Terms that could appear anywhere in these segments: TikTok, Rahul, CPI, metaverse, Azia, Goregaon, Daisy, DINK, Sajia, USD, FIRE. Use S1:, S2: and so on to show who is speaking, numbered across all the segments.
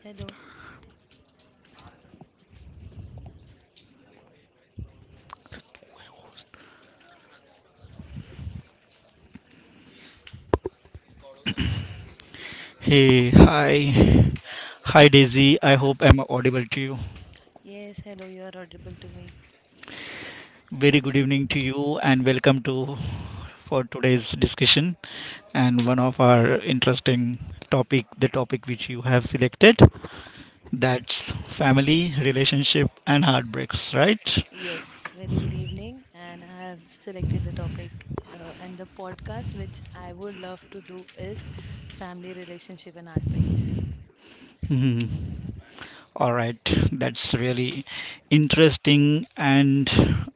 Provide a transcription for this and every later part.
S1: Hello.
S2: Hey, hi. Hi Daisy, I hope I'm audible to you.
S1: Yes, hello. You are audible to me.
S2: Very good evening to you and welcome to for today's discussion and one of our interesting topic, the topic which you have selected, that's family, relationship and heartbreaks, right?
S1: Yes, very good evening. And I have selected the topic and the podcast which I would love to do is family relationship and heartbreaks.
S2: Hmm. All right, that's really interesting and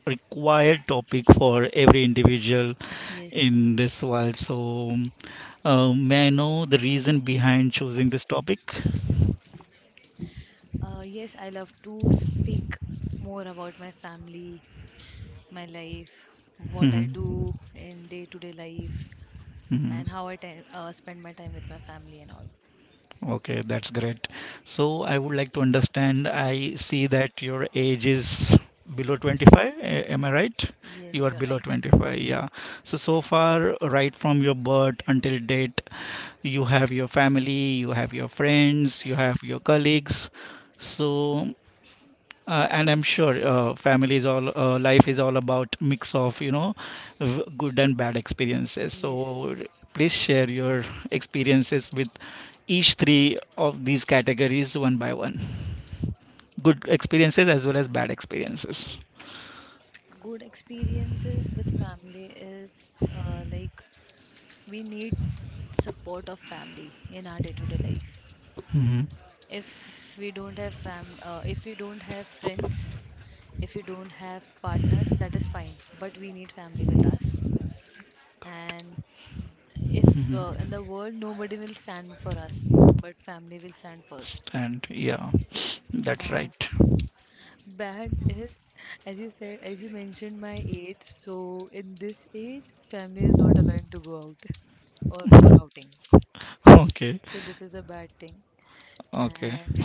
S2: required topic for every individual
S1: Yes.
S2: in this world. So, may I know the reason behind choosing this topic?
S1: Yes, I love to speak more about my family, my life, what I
S2: Mhm,
S1: do in day to day life,
S2: mhm.
S1: and how I spend my time with my family and all.
S2: Okay, that's great. So I would like to understand. I see that your age is below 25. Am I right? You
S1: Yes,
S2: are
S1: you're
S2: below
S1: right.
S2: 25. Yeah. So so far, right from your birth until date, you have your family, you have your friends, you have your colleagues. So and I'm sure family is all life is all about mix of good and bad experiences. So
S1: Yes.
S2: please share your experiences with each three of these categories one by one. Good experiences as well as bad experiences.
S1: Good experiences with family is like we need support of family in our day-to-day life.
S2: Hmm
S1: If we don't if we don't have friends, if we don't have partners, that is fine. But we need family with us. And if in the world nobody will stand for us, but family will stand first.
S2: And yeah, that's
S1: And
S2: right.
S1: Bad is, as you said, as you mentioned my age, so in this age, family is not allowing to go out or for outing.
S2: Okay,
S1: So this is a bad thing.
S2: okay,
S1: And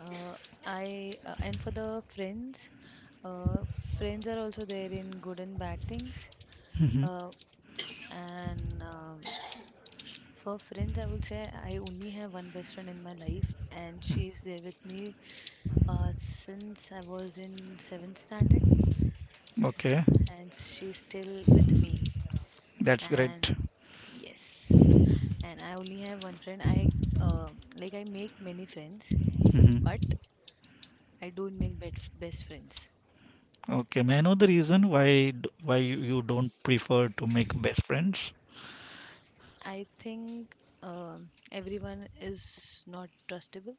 S1: uh, I and for the friends, uh, friends are also there in good and bad things.
S2: hmm
S1: Uh, and for friends, I will say I only have one best friend in my life, and she is there with me since I was in seventh standard.
S2: okay.
S1: And she's still with me,
S2: That's great.
S1: and yes, and I only have one friend. I uh, like i make many friends,
S2: Hmm
S1: but I don't make best friends.
S2: Okay, may I know the reason why why you don't prefer to make best friends?
S1: I think everyone is not trustable.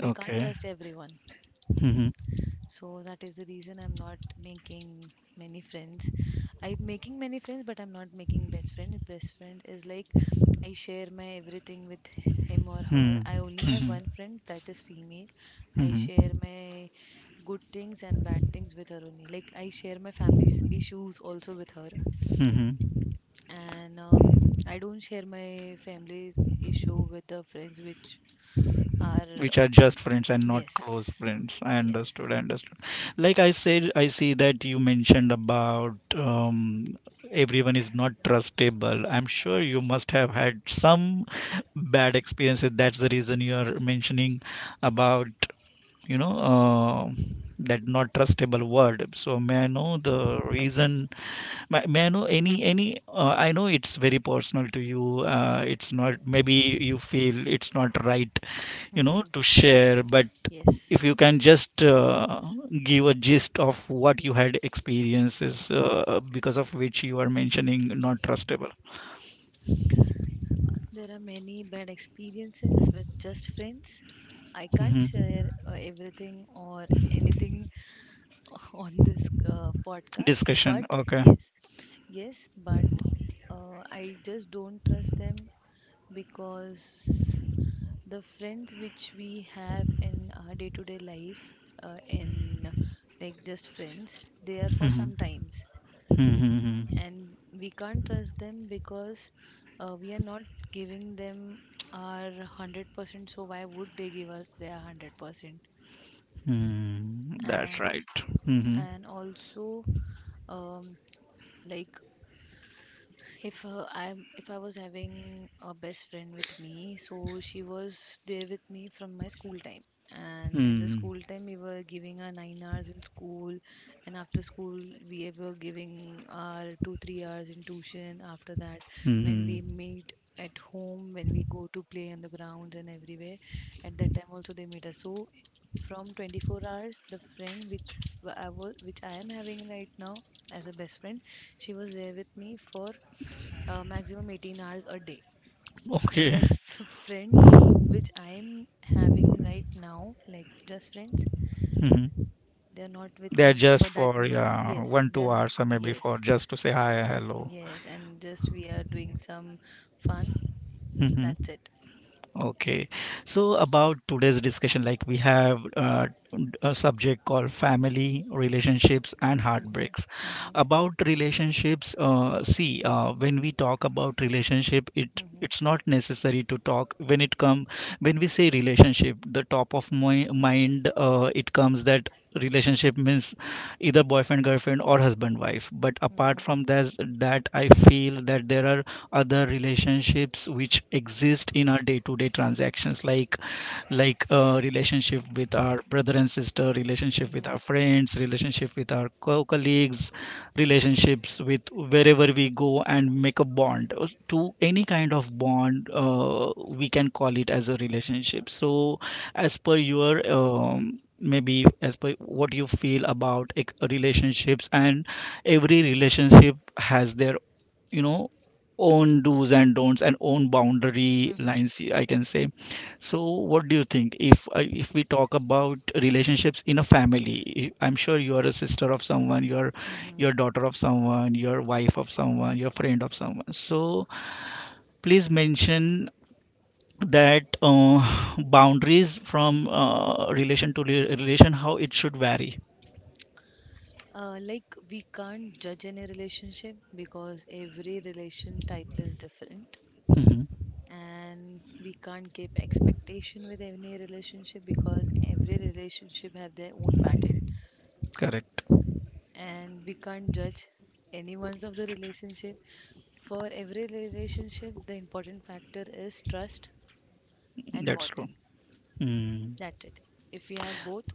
S1: We can't
S2: Okay.
S1: trust everyone.
S2: Mhm,
S1: So that is the reason I'm not making many friends. I'm making many friends, but I'm not making best friend. Best friend is like I share my everything with him or her.
S2: mhm,
S1: I only have
S2: mhm,
S1: one friend that is female. I
S2: mhm,
S1: share my good things and bad things with her only. Like I share my family's issues also with her.
S2: mhm.
S1: And I don't share my family's issue with the friends which are.
S2: Which are just friends and not close
S1: Yes,
S2: friends. I
S1: yes.
S2: understood. I understood. Like I said, I see that you mentioned about everyone is not trustable. I'm sure you must have had some bad experiences. That's the reason you are mentioning about you know uh, that not trustable word. So may I know the reason? May I know any any? I know it's very personal to you. It's not maybe you feel it's not right, you know,
S1: Hmm,
S2: to share, but if
S1: yes.
S2: you can just give a gist of what you had experiences because of which you are mentioning not trustable.
S1: There are many bad experiences with just friends. I can't
S2: Hmm
S1: share everything or anything on this podcast,
S2: discussion,
S1: but
S2: okay.
S1: yes, yes. But I just don't trust them because the friends which we have in our day to day life, in like just friends, they are for some
S2: hmm
S1: times,
S2: hmm hmm
S1: and we can't trust them because we are not giving them our 100% so why would they give us their 100%.
S2: hmm That's
S1: and
S2: right. Mm-hmm.
S1: and also um, like if I was having a best friend with me, so she was there with me from my school time. And in the
S2: Mm-hmm.
S1: school time we were giving our 9 hours in school, and after school we were giving our 2 3 hours in tuition. After that, when we
S2: Mhm.
S1: meet at home, when we go to play on the grounds and everywhere, at that time also they meet us. So from 24 hours, the friend which I am having right now as a best friend, she was there with me for maximum 18 hours a day. And
S2: Okay.
S1: the friend which I am having right now, like just friends,
S2: Mhm.
S1: they're not with
S2: They are
S1: me
S2: just
S1: for that.
S2: for, yeah,
S1: Yes,
S2: one, two
S1: then
S2: hours, or maybe for
S1: yes,
S2: just to say hi, hello.
S1: yes, and just we are doing some fun.
S2: Mhm.
S1: That's it.
S2: Okay. So about today's discussion, like we have a subject called family, relationships, and heartbreaks.
S1: Mhm,
S2: About relationships, see, when we talk about relationship,
S1: mhm,
S2: it's not necessary to talk when it come when we say relationship, the top of my mind it comes that relationship means either boyfriend girlfriend or husband wife, but apart
S1: mhm,
S2: from that, I feel that there are other relationships which exist in our day-to-day transactions, like relationship with our brother and sister, relationship with
S1: mhm,
S2: our friends, relationship with our colleagues, relationships with wherever we go and make a bond, to any kind of bond, we can call it as a relationship. So as per your maybe as per what you feel about relationships, and every relationship has their, you know, own do's and don'ts and own boundary
S1: mhm,
S2: lines, I can say. So what do you think if if we talk about relationships in a family? I'm sure you are a sister of someone, you're
S1: mhm.
S2: your daughter of someone, your wife of someone, your friend of someone. So please mention that boundaries from relation to relation, how it should vary.
S1: Like we can't judge any relationship because every relation type is different.
S2: Mhm.
S1: And we can't keep expectation with any relationship because every relationship have their own pattern.
S2: Correct.
S1: And we can't judge anyone's of the relationship. For every relationship, the important factor is trust and
S2: That's true.
S1: bonding.
S2: Mm.
S1: That's it. If we have both,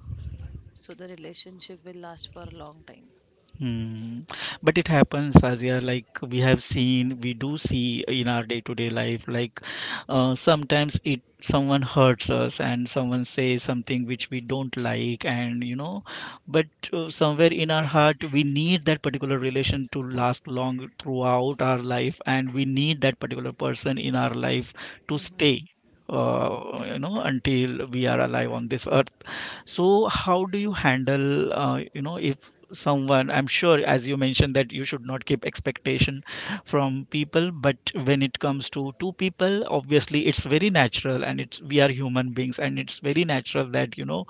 S1: so the relationship will last for a long time.
S2: Hmm. But it happens, Azia, like we have seen, we do see in our day-to-day life, like sometimes it someone hurts us and someone says something which we don't like, and you know, but somewhere in our heart, we need that particular relation to last long throughout our life, and we need that particular person in our life to
S1: Mm-hmm.
S2: stay.
S1: Mm-hmm.
S2: You know, until we are alive on this earth. So, how do you handle, you know, if someone, I'm sure, as you mentioned, that you should not keep expectation from people. But when it comes to two people, obviously, it's very natural, and it's we are human beings, and it's very natural that, you know,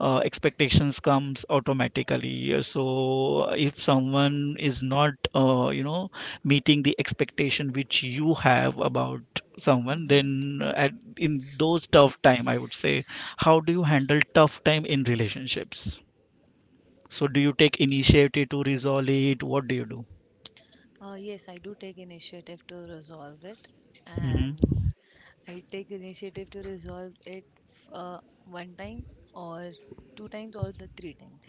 S2: expectations comes automatically. So if someone is not you know, meeting the expectation which you have about someone, then at in those tough time, I would say, how do you handle tough time in relationships? So do you take initiative to resolve it? What do you do?
S1: Yes, I do take initiative to resolve it,
S2: Hmm
S1: and I take initiative to resolve it one time or two times or the three times,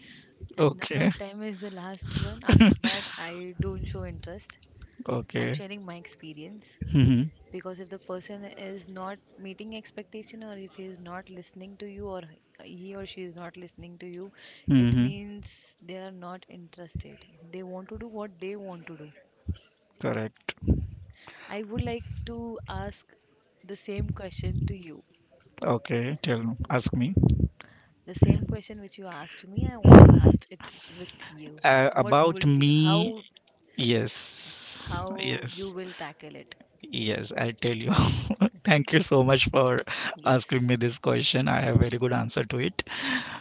S1: and the
S2: Okay.
S1: third time is the last one. After that, I don't show interest. I'm
S2: Okay.
S1: sharing my experience
S2: hmm
S1: because if the person is not meeting expectation, or if he is not listening to you, or he or she is not listening to you, it
S2: hmm
S1: means they are not interested. They want to do what they want to do.
S2: Correct.
S1: I would like to ask the same question to you.
S2: Okay. Tell me. Ask me.
S1: The same question which you asked me, I want to ask it with you. What will
S2: About
S1: y-
S2: me. Yes.
S1: how you
S2: Yes.
S1: will tackle it?
S2: Yes, I'll tell you. Thank you so much for asking
S1: Yes.
S2: me this question. I have very good answer to it.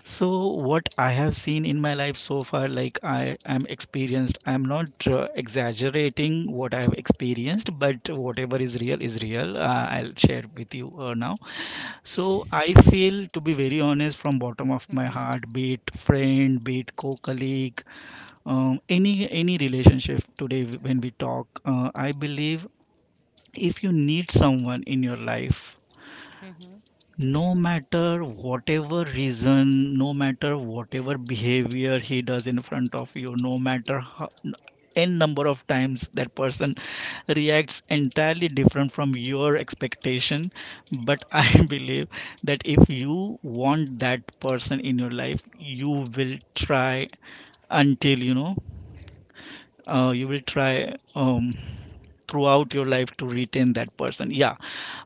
S2: So what I have seen in my life so far, like I am experienced, I'm not exaggerating what I've experienced, but whatever is real is real. I'll share with you now. So I
S1: Yes.
S2: feel, to be very honest, from bottom of my
S1: Mhm.
S2: heart, be it friend, be it co-colleague, any relationship today when we talk, I believe, if you need someone in your life,
S1: Mhm.
S2: no matter whatever reason, no matter whatever behavior he does in front of you, no matter how n number of times that person reacts entirely different from your expectation, but I believe that if you want that person in your life, you will try until, you know, you will try throughout your life to retain that person. Yeah,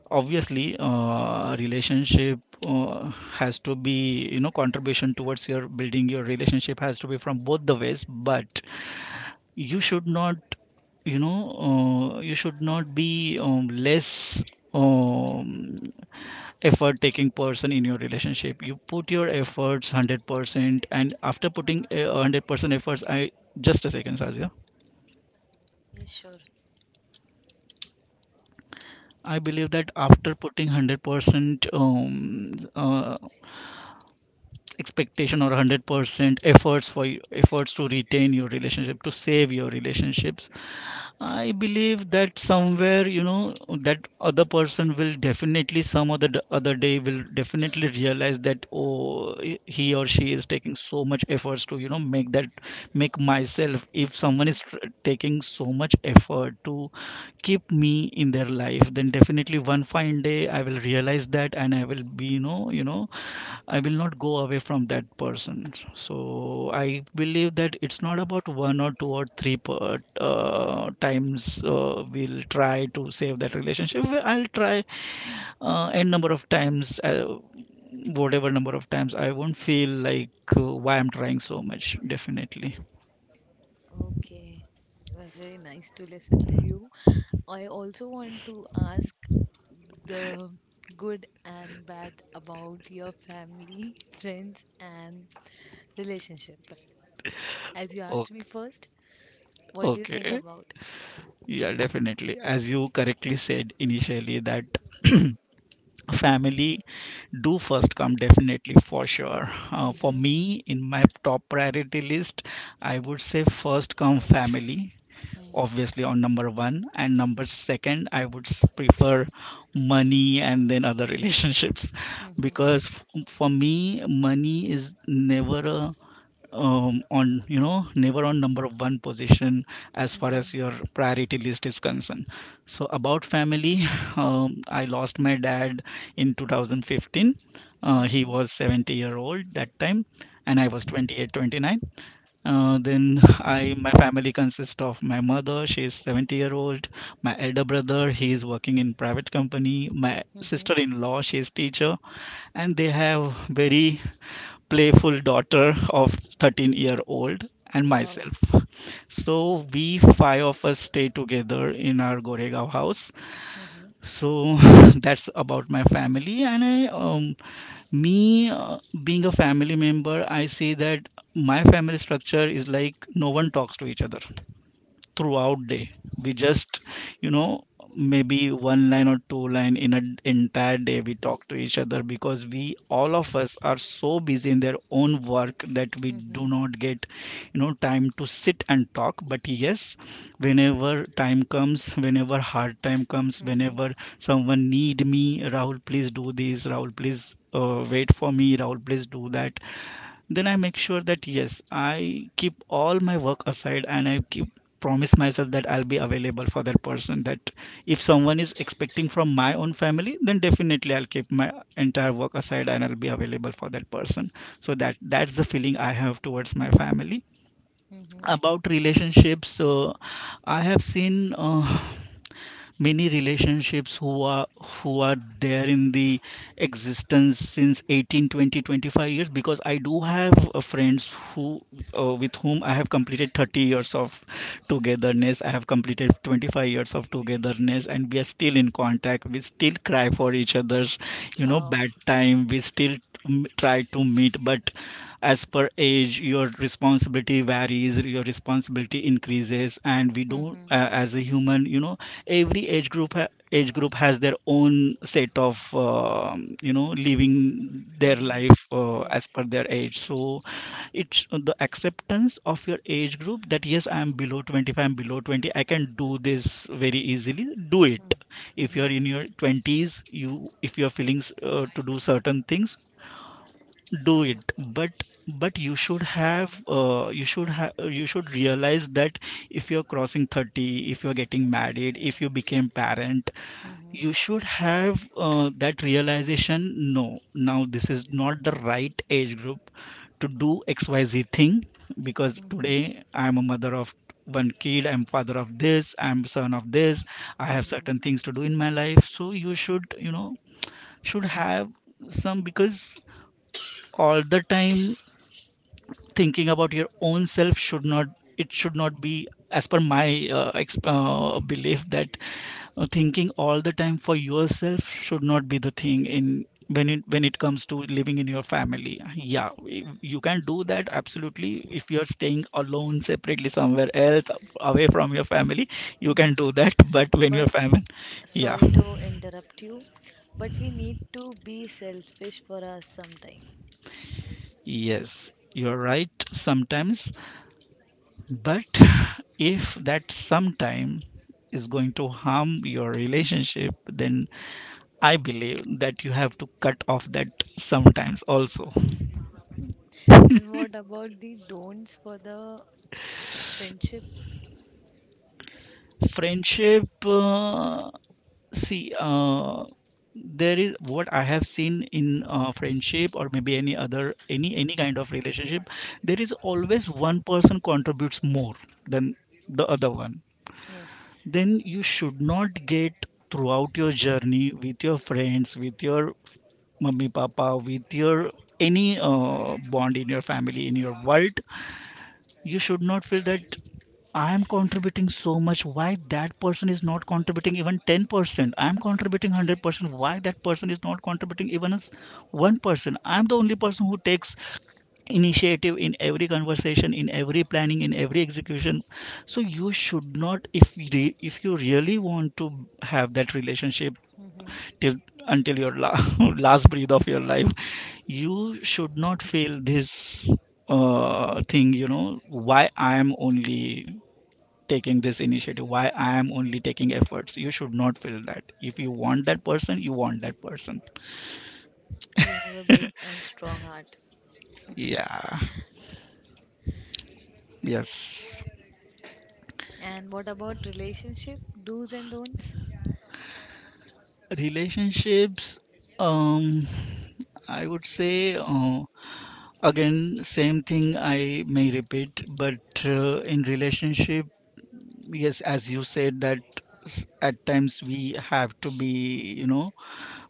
S2: obviously, relationship has to be, you know, contribution towards your building your relationship has to be from both the ways, but you should not, you know, you should not be less um, effort taking person in your relationship. You put your efforts 100%, and after putting 100% efforts, I just a second Sazia.
S1: Yes, sure.
S2: I believe that after putting 100% expectation or 100% efforts for efforts to retain your relationship, to save your relationships, I believe that somewhere, you know, that other person will definitely, some other other day, will definitely realize that, oh, he or she is taking so much efforts to, you know, make that make myself. If someone
S1: Mhm.
S2: is taking so much effort to keep me in their life, then definitely one fine day I will realize that, and I will be, you know, you know, I will not go away from that person. So I believe that it's not about one or two or three times. Uh, we'll try to save that relationship. Well, I'll try n number of times. Uh, whatever number of times, I won't feel like why I'm trying so much, definitely.
S1: Okay. Was very nice to listen to you. I also want to ask the good and bad about your family, friends, and relationship. As you asked me
S2: Okay.
S1: first, what do you think
S2: Okay.
S1: about?
S2: Yeah, definitely. As you correctly said initially, that family do first come, definitely for sure. For
S1: Mhm,
S2: me, in my top priority list, I would say first come family,
S1: mm,
S2: obviously on number one, and number second, I would prefer money and then other relationships,
S1: mhm,
S2: because for me, money is never a on, you know, never on number one position as far
S1: mhm,
S2: as your priority list is concerned. So about family, I lost my dad in 2015. Uh, he
S1: mhm,
S2: was 70-year-old that time, and I was 28 29. Uh, then I my family consists of my mother, she is 70-year old, my elder brother, he is working in private company, my
S1: mhm.
S2: sister in law, she is teacher, and they have very playful daughter of 13-year old, and
S1: Wow.
S2: myself. So we five of us stay together in our Goregaon house.
S1: Mhm,
S2: So that's about my family, and I me being a family member, I say that my family structure is like no one talks to each other throughout day, we just, you know, maybe one line or two line in an entire day we talk to each other, because we all of us are so busy in their own work that we
S1: mhm,
S2: do not get, you know, time to sit and talk. But yes, whenever time comes, whenever hard time comes,
S1: mhm,
S2: whenever someone need me, Rahul please do this, Rahul please wait for me, Rahul please do that, then I make sure that yes, I keep all my work aside, and I keep promise myself that I'll be available for that person, that if someone is expecting from my own family, then definitely I'll keep my entire work aside, and I'll be available for that person. So that's the feeling I have towards my family.
S1: mhm.
S2: About relationships, so I have seen many relationships who are there in the existence since 18 20 25 years, because I do have friends who with whom I have completed 30 years of togetherness, I have completed 25 years of togetherness, and we are still in contact, we still cry for each other's, you know,
S1: Wow.
S2: bad time, we still mm, try to meet, but as per age your responsibility varies, your responsibility increases, and we don't
S1: Mhm,
S2: as a human, you know, every age group age group has their own set of you know, living their
S1: mhm.
S2: life as
S1: Yes.
S2: per their age. So it's The acceptance of your age group that yes, I am below 25, I'm below 20, I can do this very easily, do
S1: Mm,
S2: it. If you're
S1: mhm,
S2: in your 20s, you if you're feeling to do certain things, do it. But but you should have you should have, you should realize that if you're crossing 30, if you're getting married, if you became parent,
S1: mhm,
S2: you should have that realization, no, now this is not the right age group to do XYZ thing. Because
S1: mhm,
S2: today I'm a mother of one kid, I'm father of this, I'm son of this, I have
S1: mhm,
S2: certain things to do in my life. So you should, you know, should have some, because all the time thinking about your own self should not, it should not be, as per my belief that thinking all the time for yourself should not be the thing in when it comes to living in your family. Yeah, you can do that absolutely. If you're staying alone separately somewhere else away from your family, you
S1: mhm.
S2: can do that, but when
S1: But
S2: you're family. Yeah.
S1: sorry to interrupt you, but we need to be selfish for us sometime.
S2: Yes, you're right, sometimes. But if that sometime is going to harm your relationship, then I believe that you have to cut off that sometimes also.
S1: And what about the don'ts for the friendship?
S2: Friendship, see, there is, what I have seen in friendship or maybe any other, any kind of relationship, there is always one person contributes more than the other one.
S1: Yes.
S2: Then you should not get throughout your journey with your friends, with your mummy papa, with your any bond in your family, in your world, you should not feel that I am contributing so much. Why that person is not contributing even 10%? I am contributing 100%. Why that person is not contributing even as 1%? I am the only person who takes initiative in every conversation, in every planning, in every execution. So you should not, if you really want to have that relationship till until your last breath of your life, you should not feel this thing, you know, why I am only taking this initiative, why I am only taking efforts. You should not feel that. If you want that person, you want that person.
S1: You have a big and strong heart.
S2: Yeah. Yes.
S1: And what about relationship do's and don'ts?
S2: Relationships, um I would say, again same thing I may repeat, but in relationship, yes, as you said that, at times we have to be, you know,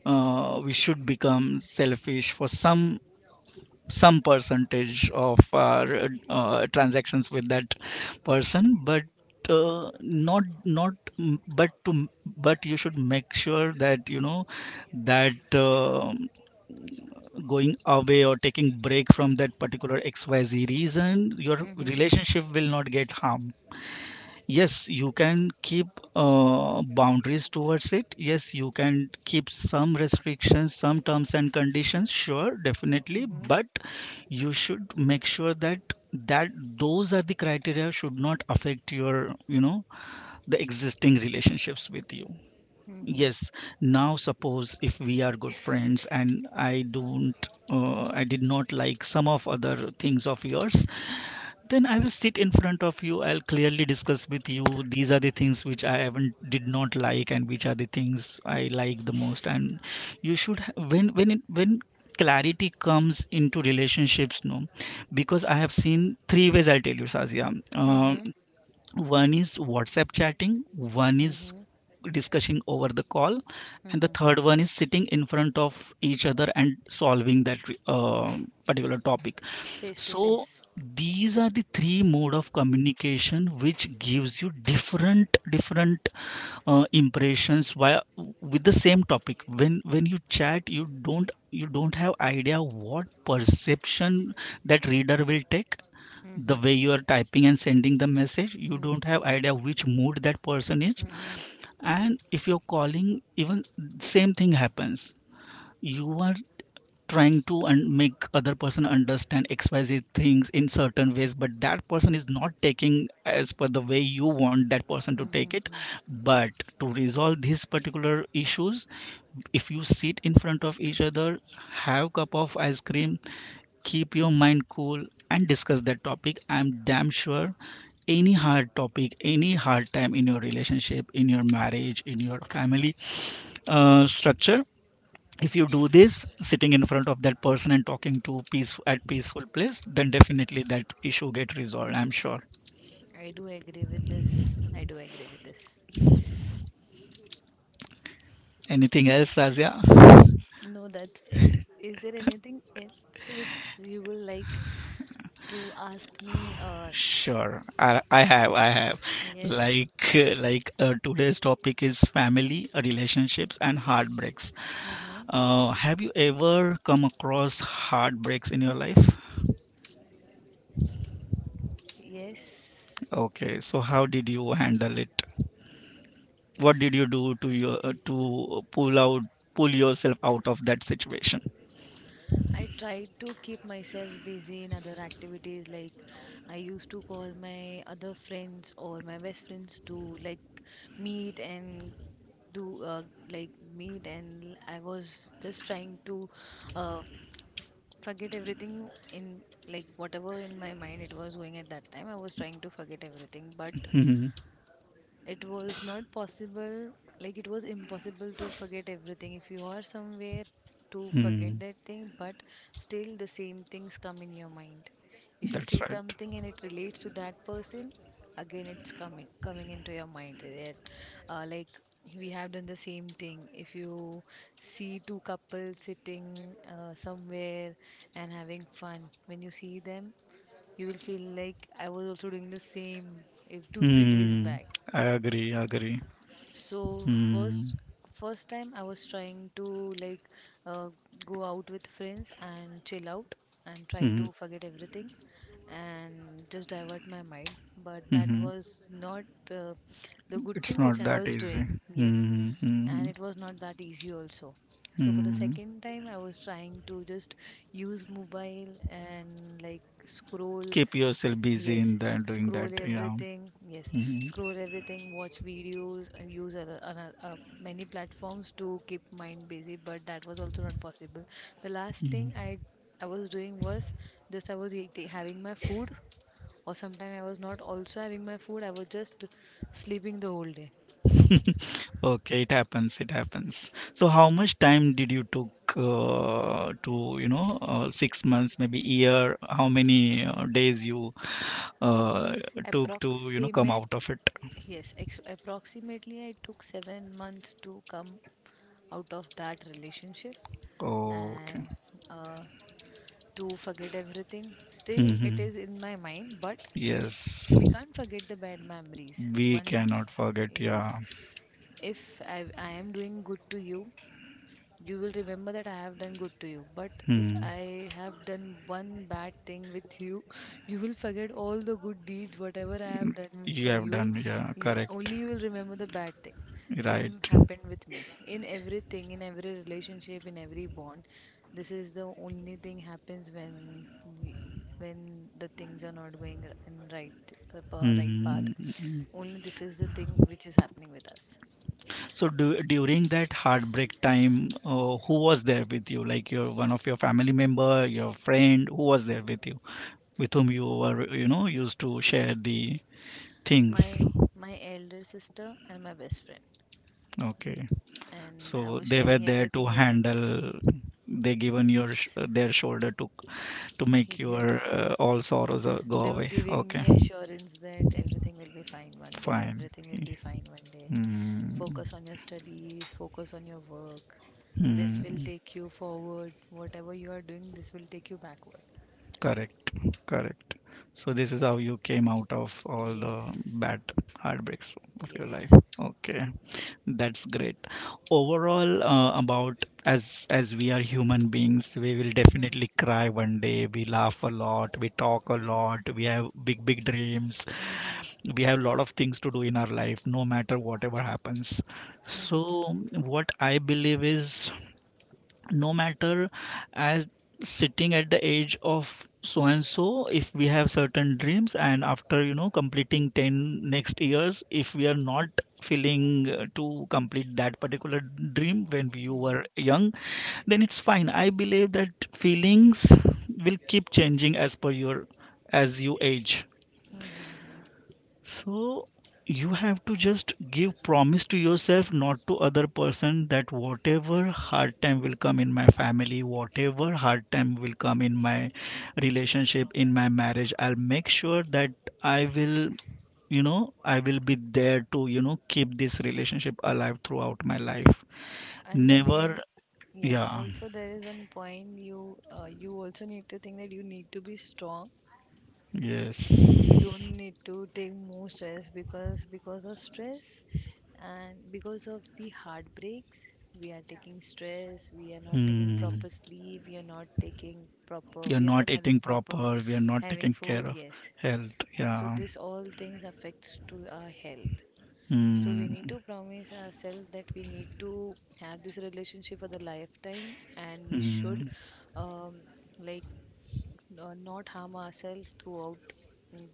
S2: we should become selfish for some percentage of our transactions with that person. But not not m- but to, but you should make sure that, you know, that going away or taking break from that particular XYZ reason, your
S1: Mm-hmm.
S2: relationship will not get harmed. Yes, you can keep boundaries towards it. Yes, you can keep some restrictions, some terms and conditions. Sure, definitely.
S1: Mm-hmm.
S2: But you should make sure that that those are the criteria should not affect your, you know, the existing relationships with you.
S1: Mm-hmm.
S2: Yes. Now, suppose if we are good friends and I don't, I did not like some of other things of yours, then I will sit in front of you. I'll clearly discuss with you. These are the things which I haven't, did not like, and which are the things I like the most. And you should when it when clarity comes into relationships, no, because I have seen three ways, I'll tell you, Sazia. Uh,
S1: Mm-hmm.
S2: One is WhatsApp chatting, one is
S1: Mm-hmm.
S2: discussing over the call, and the
S1: Mm-hmm.
S2: third one is sitting in front of each other and solving that uh, particular topic.
S1: Face to
S2: So
S1: face.
S2: these are the three mode of communication which gives you different different impressions via with the same topic. When you chat, you don't, you don't have idea what perception that reader will take, the
S1: Mm-hmm.
S2: way you are typing and sending the message, you don't have
S1: Mm-hmm.
S2: idea which mood that person is.
S1: Mm-hmm.
S2: And if you're calling, even same thing happens. You are trying to and make other person understand XYZ things in certain ways, but that person is not taking as per the way you want that person to take it.
S1: Mm-hmm.
S2: But to resolve these particular issues, if you sit in front of each other, have cup of ice cream, keep your mind cool, and discuss that topic, I'm damn sure any hard topic, any hard time in your relationship, in your marriage, in your family structure, if you do this sitting in front of that person and talking to peaceful at peaceful place, then definitely that issue get resolved, I'm sure.
S1: I do agree with this. I do agree with this.
S2: Anything else, Azia?
S1: No, that's it. Is there anything else which you will like to ask me?
S2: Sure. I have
S1: Yes.
S2: like today's topic is family, relationships and heartbreaks.
S1: Mm-hmm.
S2: Have you ever come across heartbreaks in your life?
S1: Yes.
S2: Okay, so how did you handle it? What did you do to your to pull yourself out of that situation?
S1: I try to keep myself busy in other activities. Like I used to call my other friends or my best friends to like meet and do like meet, and I was just trying to uh, forget everything in like whatever in my mind it was going at that time. I was trying to forget everything, but it was not possible. Like it was impossible to forget everything if you are somewhere to forget
S2: Hmm.
S1: that thing, but still the same things come in your mind. If you
S2: That's
S1: see
S2: right.
S1: something and it relates to that person, again it's coming into your mind, right? Like we have done the same thing. If you see two couples sitting somewhere and having fun, when you see them, you will feel like I was also doing the same if 2-3 days
S2: Hmm,
S1: back.
S2: I agree, agree.
S1: So
S2: Hmm.
S1: first time I was trying to like uh, go out with friends and chill out and try
S2: Hmm.
S1: to forget everything and just divert my mind. But that
S2: Hmm.
S1: was not uh, the good
S2: It's
S1: thing which
S2: not
S1: I
S2: that
S1: was
S2: easy.
S1: doing. Yes,
S2: Hmm. Hmm.
S1: and it was not that easy also. So for the
S2: Hmm.
S1: second time I was trying to just use mobile and like scroll.
S2: Keep yourself busy
S1: Yes,
S2: in that, doing
S1: scroll
S2: that, yeah.
S1: everything. Yes,
S2: Hmm.
S1: scroll everything, watch videos, and use many platforms to keep mind busy, but that was also not possible. The last thing
S2: Mm.
S1: I was doing was just I was eating, having my food. Or sometimes I was not also having my food, I was just sleeping the whole day.
S2: Okay, it happens, it happens. So how much time did you took to, you know, 6 months, maybe year, how many days you uh, took to, you know, come out
S1: Approximate,
S2: of it?
S1: approximately I took 7 months to come out of that relationship and
S2: Okay.
S1: uh, to forget everything. Still, it
S2: Mhm.
S1: is in my mind, but
S2: Yes.
S1: we can't forget the bad memories.
S2: We
S1: Once,
S2: cannot forget,
S1: yes,
S2: yeah.
S1: if I am doing good to you, you will remember that I have done good to you. But if
S2: Hmm.
S1: I have done one bad thing with you, you will forget all the good deeds, whatever I have done
S2: You
S1: for
S2: have
S1: you.
S2: done, yeah, correct.
S1: Only you will remember the bad thing. Same
S2: Right.
S1: happened with me. In everything, in every relationship, in every bond, this is the only thing happens when y- when the things are not going in right path.
S2: Hmm.
S1: Only this is the thing which is happening with us.
S2: So do, during that heartbreak time, who was there with you, like your one of your family member, your friend, who was there with you, with whom you were, you know, used to share the things?
S1: My my elder sister and my best friend,
S2: Okay.
S1: and I
S2: So
S1: was
S2: they were
S1: sharing
S2: there to
S1: everything with them.
S2: handle, they given your
S1: Yes,
S2: their shoulder to make your
S1: yes.
S2: all sorrows go
S1: They were
S2: away.
S1: giving
S2: Okay,
S1: me assurance that everything will be fine one day,
S2: fine.
S1: everything will be fine one day.
S2: Mm.
S1: Focus on your studies, focus on your work. This will
S2: Hmm,
S1: take you forward. Whatever you are doing, this will take you backward.
S2: correct, correct. So this is how you came out of all the
S1: Yes,
S2: bad heartbreaks of your life.
S1: yes.
S2: Okay, that's great. Overall, about as we are human beings, we will
S1: Mm-hmm.
S2: definitely cry one day. We laugh a lot, we talk a
S1: Yes.
S2: lot, we have big big dreams.
S1: Mm-hmm.
S2: We have a lot of things to do in our life, no matter whatever happens. So
S1: Mm-hmm.
S2: what I believe is, no matter as sitting at the age of so and so, if we have certain dreams and after, you know, completing 10 next years, if we are not feeling to complete that particular dream when we
S1: Mm-hmm.
S2: were young, then it's fine. I believe that feelings will keep changing as per your, as you age.
S1: Mm-hmm.
S2: So you have to just give promise to yourself, not to other person, that whatever hard time will come in my family, whatever hard time will come in my relationship, in my marriage, I'll make sure that I will, you know, I will be there to, you know, keep this relationship alive throughout my life.
S1: And the
S2: Never,
S1: main, yes,
S2: yeah,
S1: also there is one point you also need to think that you need to be strong. You don't
S2: yes.
S1: need to take more stress, because of stress and because of the heartbreaks we are taking stress, we are not taking
S2: Hmm.
S1: proper sleep,
S2: You're
S1: we are
S2: not
S1: not having
S2: eating
S1: proper
S2: proper, we are not
S1: having
S2: taking care
S1: food.
S2: of
S1: Yes.
S2: health.
S1: So
S2: Yeah.
S1: this all things affects to our health. So we
S2: Hmm.
S1: need to promise ourselves that we need to have this relationship for the lifetime, and we should
S2: Mm,
S1: um, like not harm ourselves throughout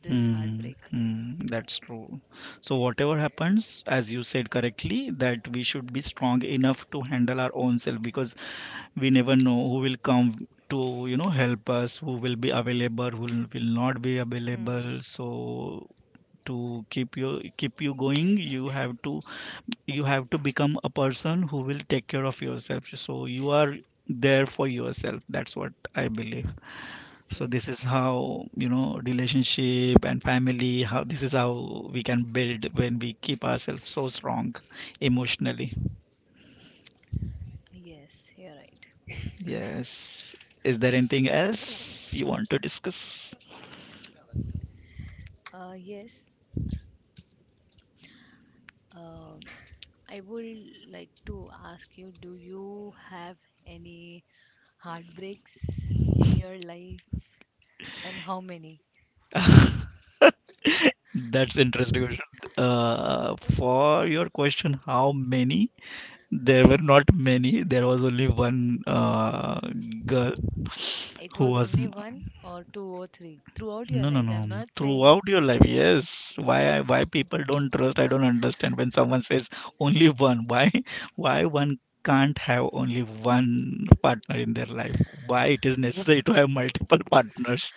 S1: this heartbreak.
S2: that's true. So, whatever happens, as you said correctly, that we should be strong enough to handle our own self, because we never know who will come to, you know, help us, who will be available, who will not be
S1: Hmm.
S2: available. So, to keep you going, you have to, you have to become a person who will take care of yourself. So, you are there for yourself. That's what I believe. So
S1: Same.
S2: this is how, you know, relationship and family, how, this is how we can build when we keep ourselves so strong emotionally.
S1: Yes, you're right.
S2: Yes. Is there anything else you want to discuss?
S1: Yes. Um, I would like to ask you, do you have any heartbreaks in your life, and how many?
S2: That's interesting question. For your question, how many? There were not many. There was only one, girl
S1: It
S2: who
S1: was
S2: was,
S1: only one or two or three throughout your
S2: no, no,
S1: life.
S2: no.
S1: I'm not saying.
S2: Throughout your life, yes. Why, why people don't trust? I don't understand. When someone says only one, why, why one can't have only one partner in their life? Why it is necessary to have multiple partners?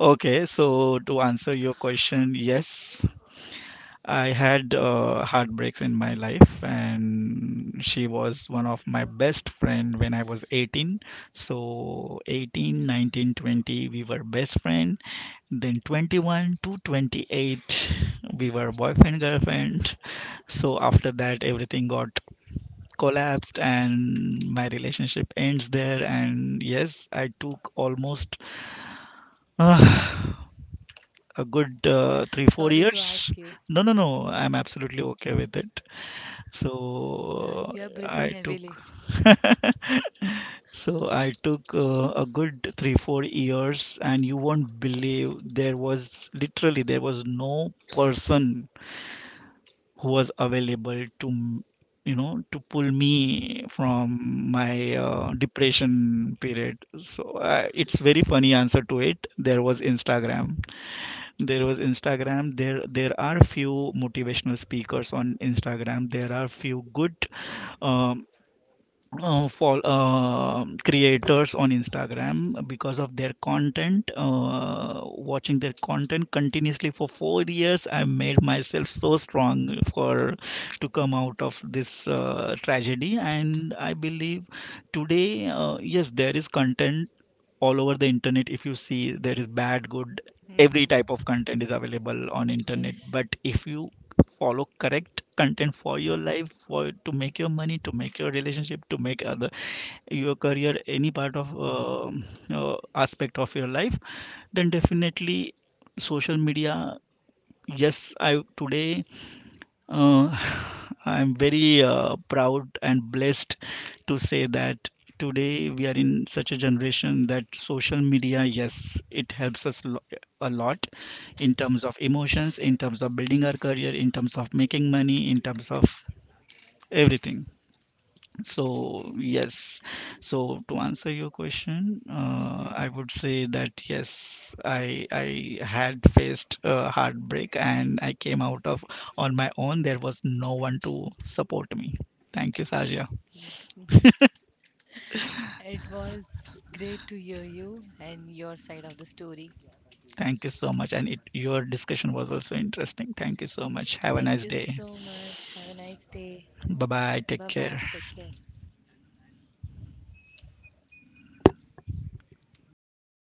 S2: Okay, so to answer your question, yes, I had heartbreaks in my life, and she was one of my best friend when I was 18. So 18, 19, 20, we were best friends, then 21 to 28, we were boyfriend, girlfriend. So after that, everything got collapsed and my relationship ends there. And yes, I took almost uh, a good three, four
S1: Sorry to
S2: years.
S1: ask you.
S2: No, no, no, I'm absolutely okay with it. So
S1: You are breathing
S2: I took
S1: heavily.
S2: so I took a good three, 4 years, and you won't believe there was literally there was no person who was available to you know, to pull me from my depression period. So it's very funny answer to it. There was Instagram. There was Instagram. There are few motivational speakers on Instagram. There are few good um, for creators on Instagram because of their content. Watching their content continuously for 4 years, I made myself so strong for to come out of this tragedy, and I believe today, yes, there is content all over the internet. If you see, there is bad, good, every
S1: Mm-hmm.
S2: type of content is available on internet.
S1: Yes.
S2: But if you follow correct content for your life, for to make your money, to make your relationship, to make other, your career, any part of uh, aspect of your life, then definitely social media, yes, I today, uh, I'm very proud and blessed to say that today we are in such a generation that social media, yes, it helps us a lot in terms of emotions, in terms of building our career, in terms of making money, in terms of everything. So, yes. So to answer your question,
S1: Hmm.
S2: I would say that yes, I had faced a heartbreak and I came out of on my own. There was no one to support me. Thank you, Sajia.
S1: It was great to hear you and your side of the story.
S2: Thank you so much. And it, your discussion was also interesting. Thank you so much. Have a
S1: Thank
S2: nice
S1: you
S2: day.
S1: so much. Have a nice day.
S2: Bye bye.
S1: Bye
S2: Take care.
S1: bye. Take care.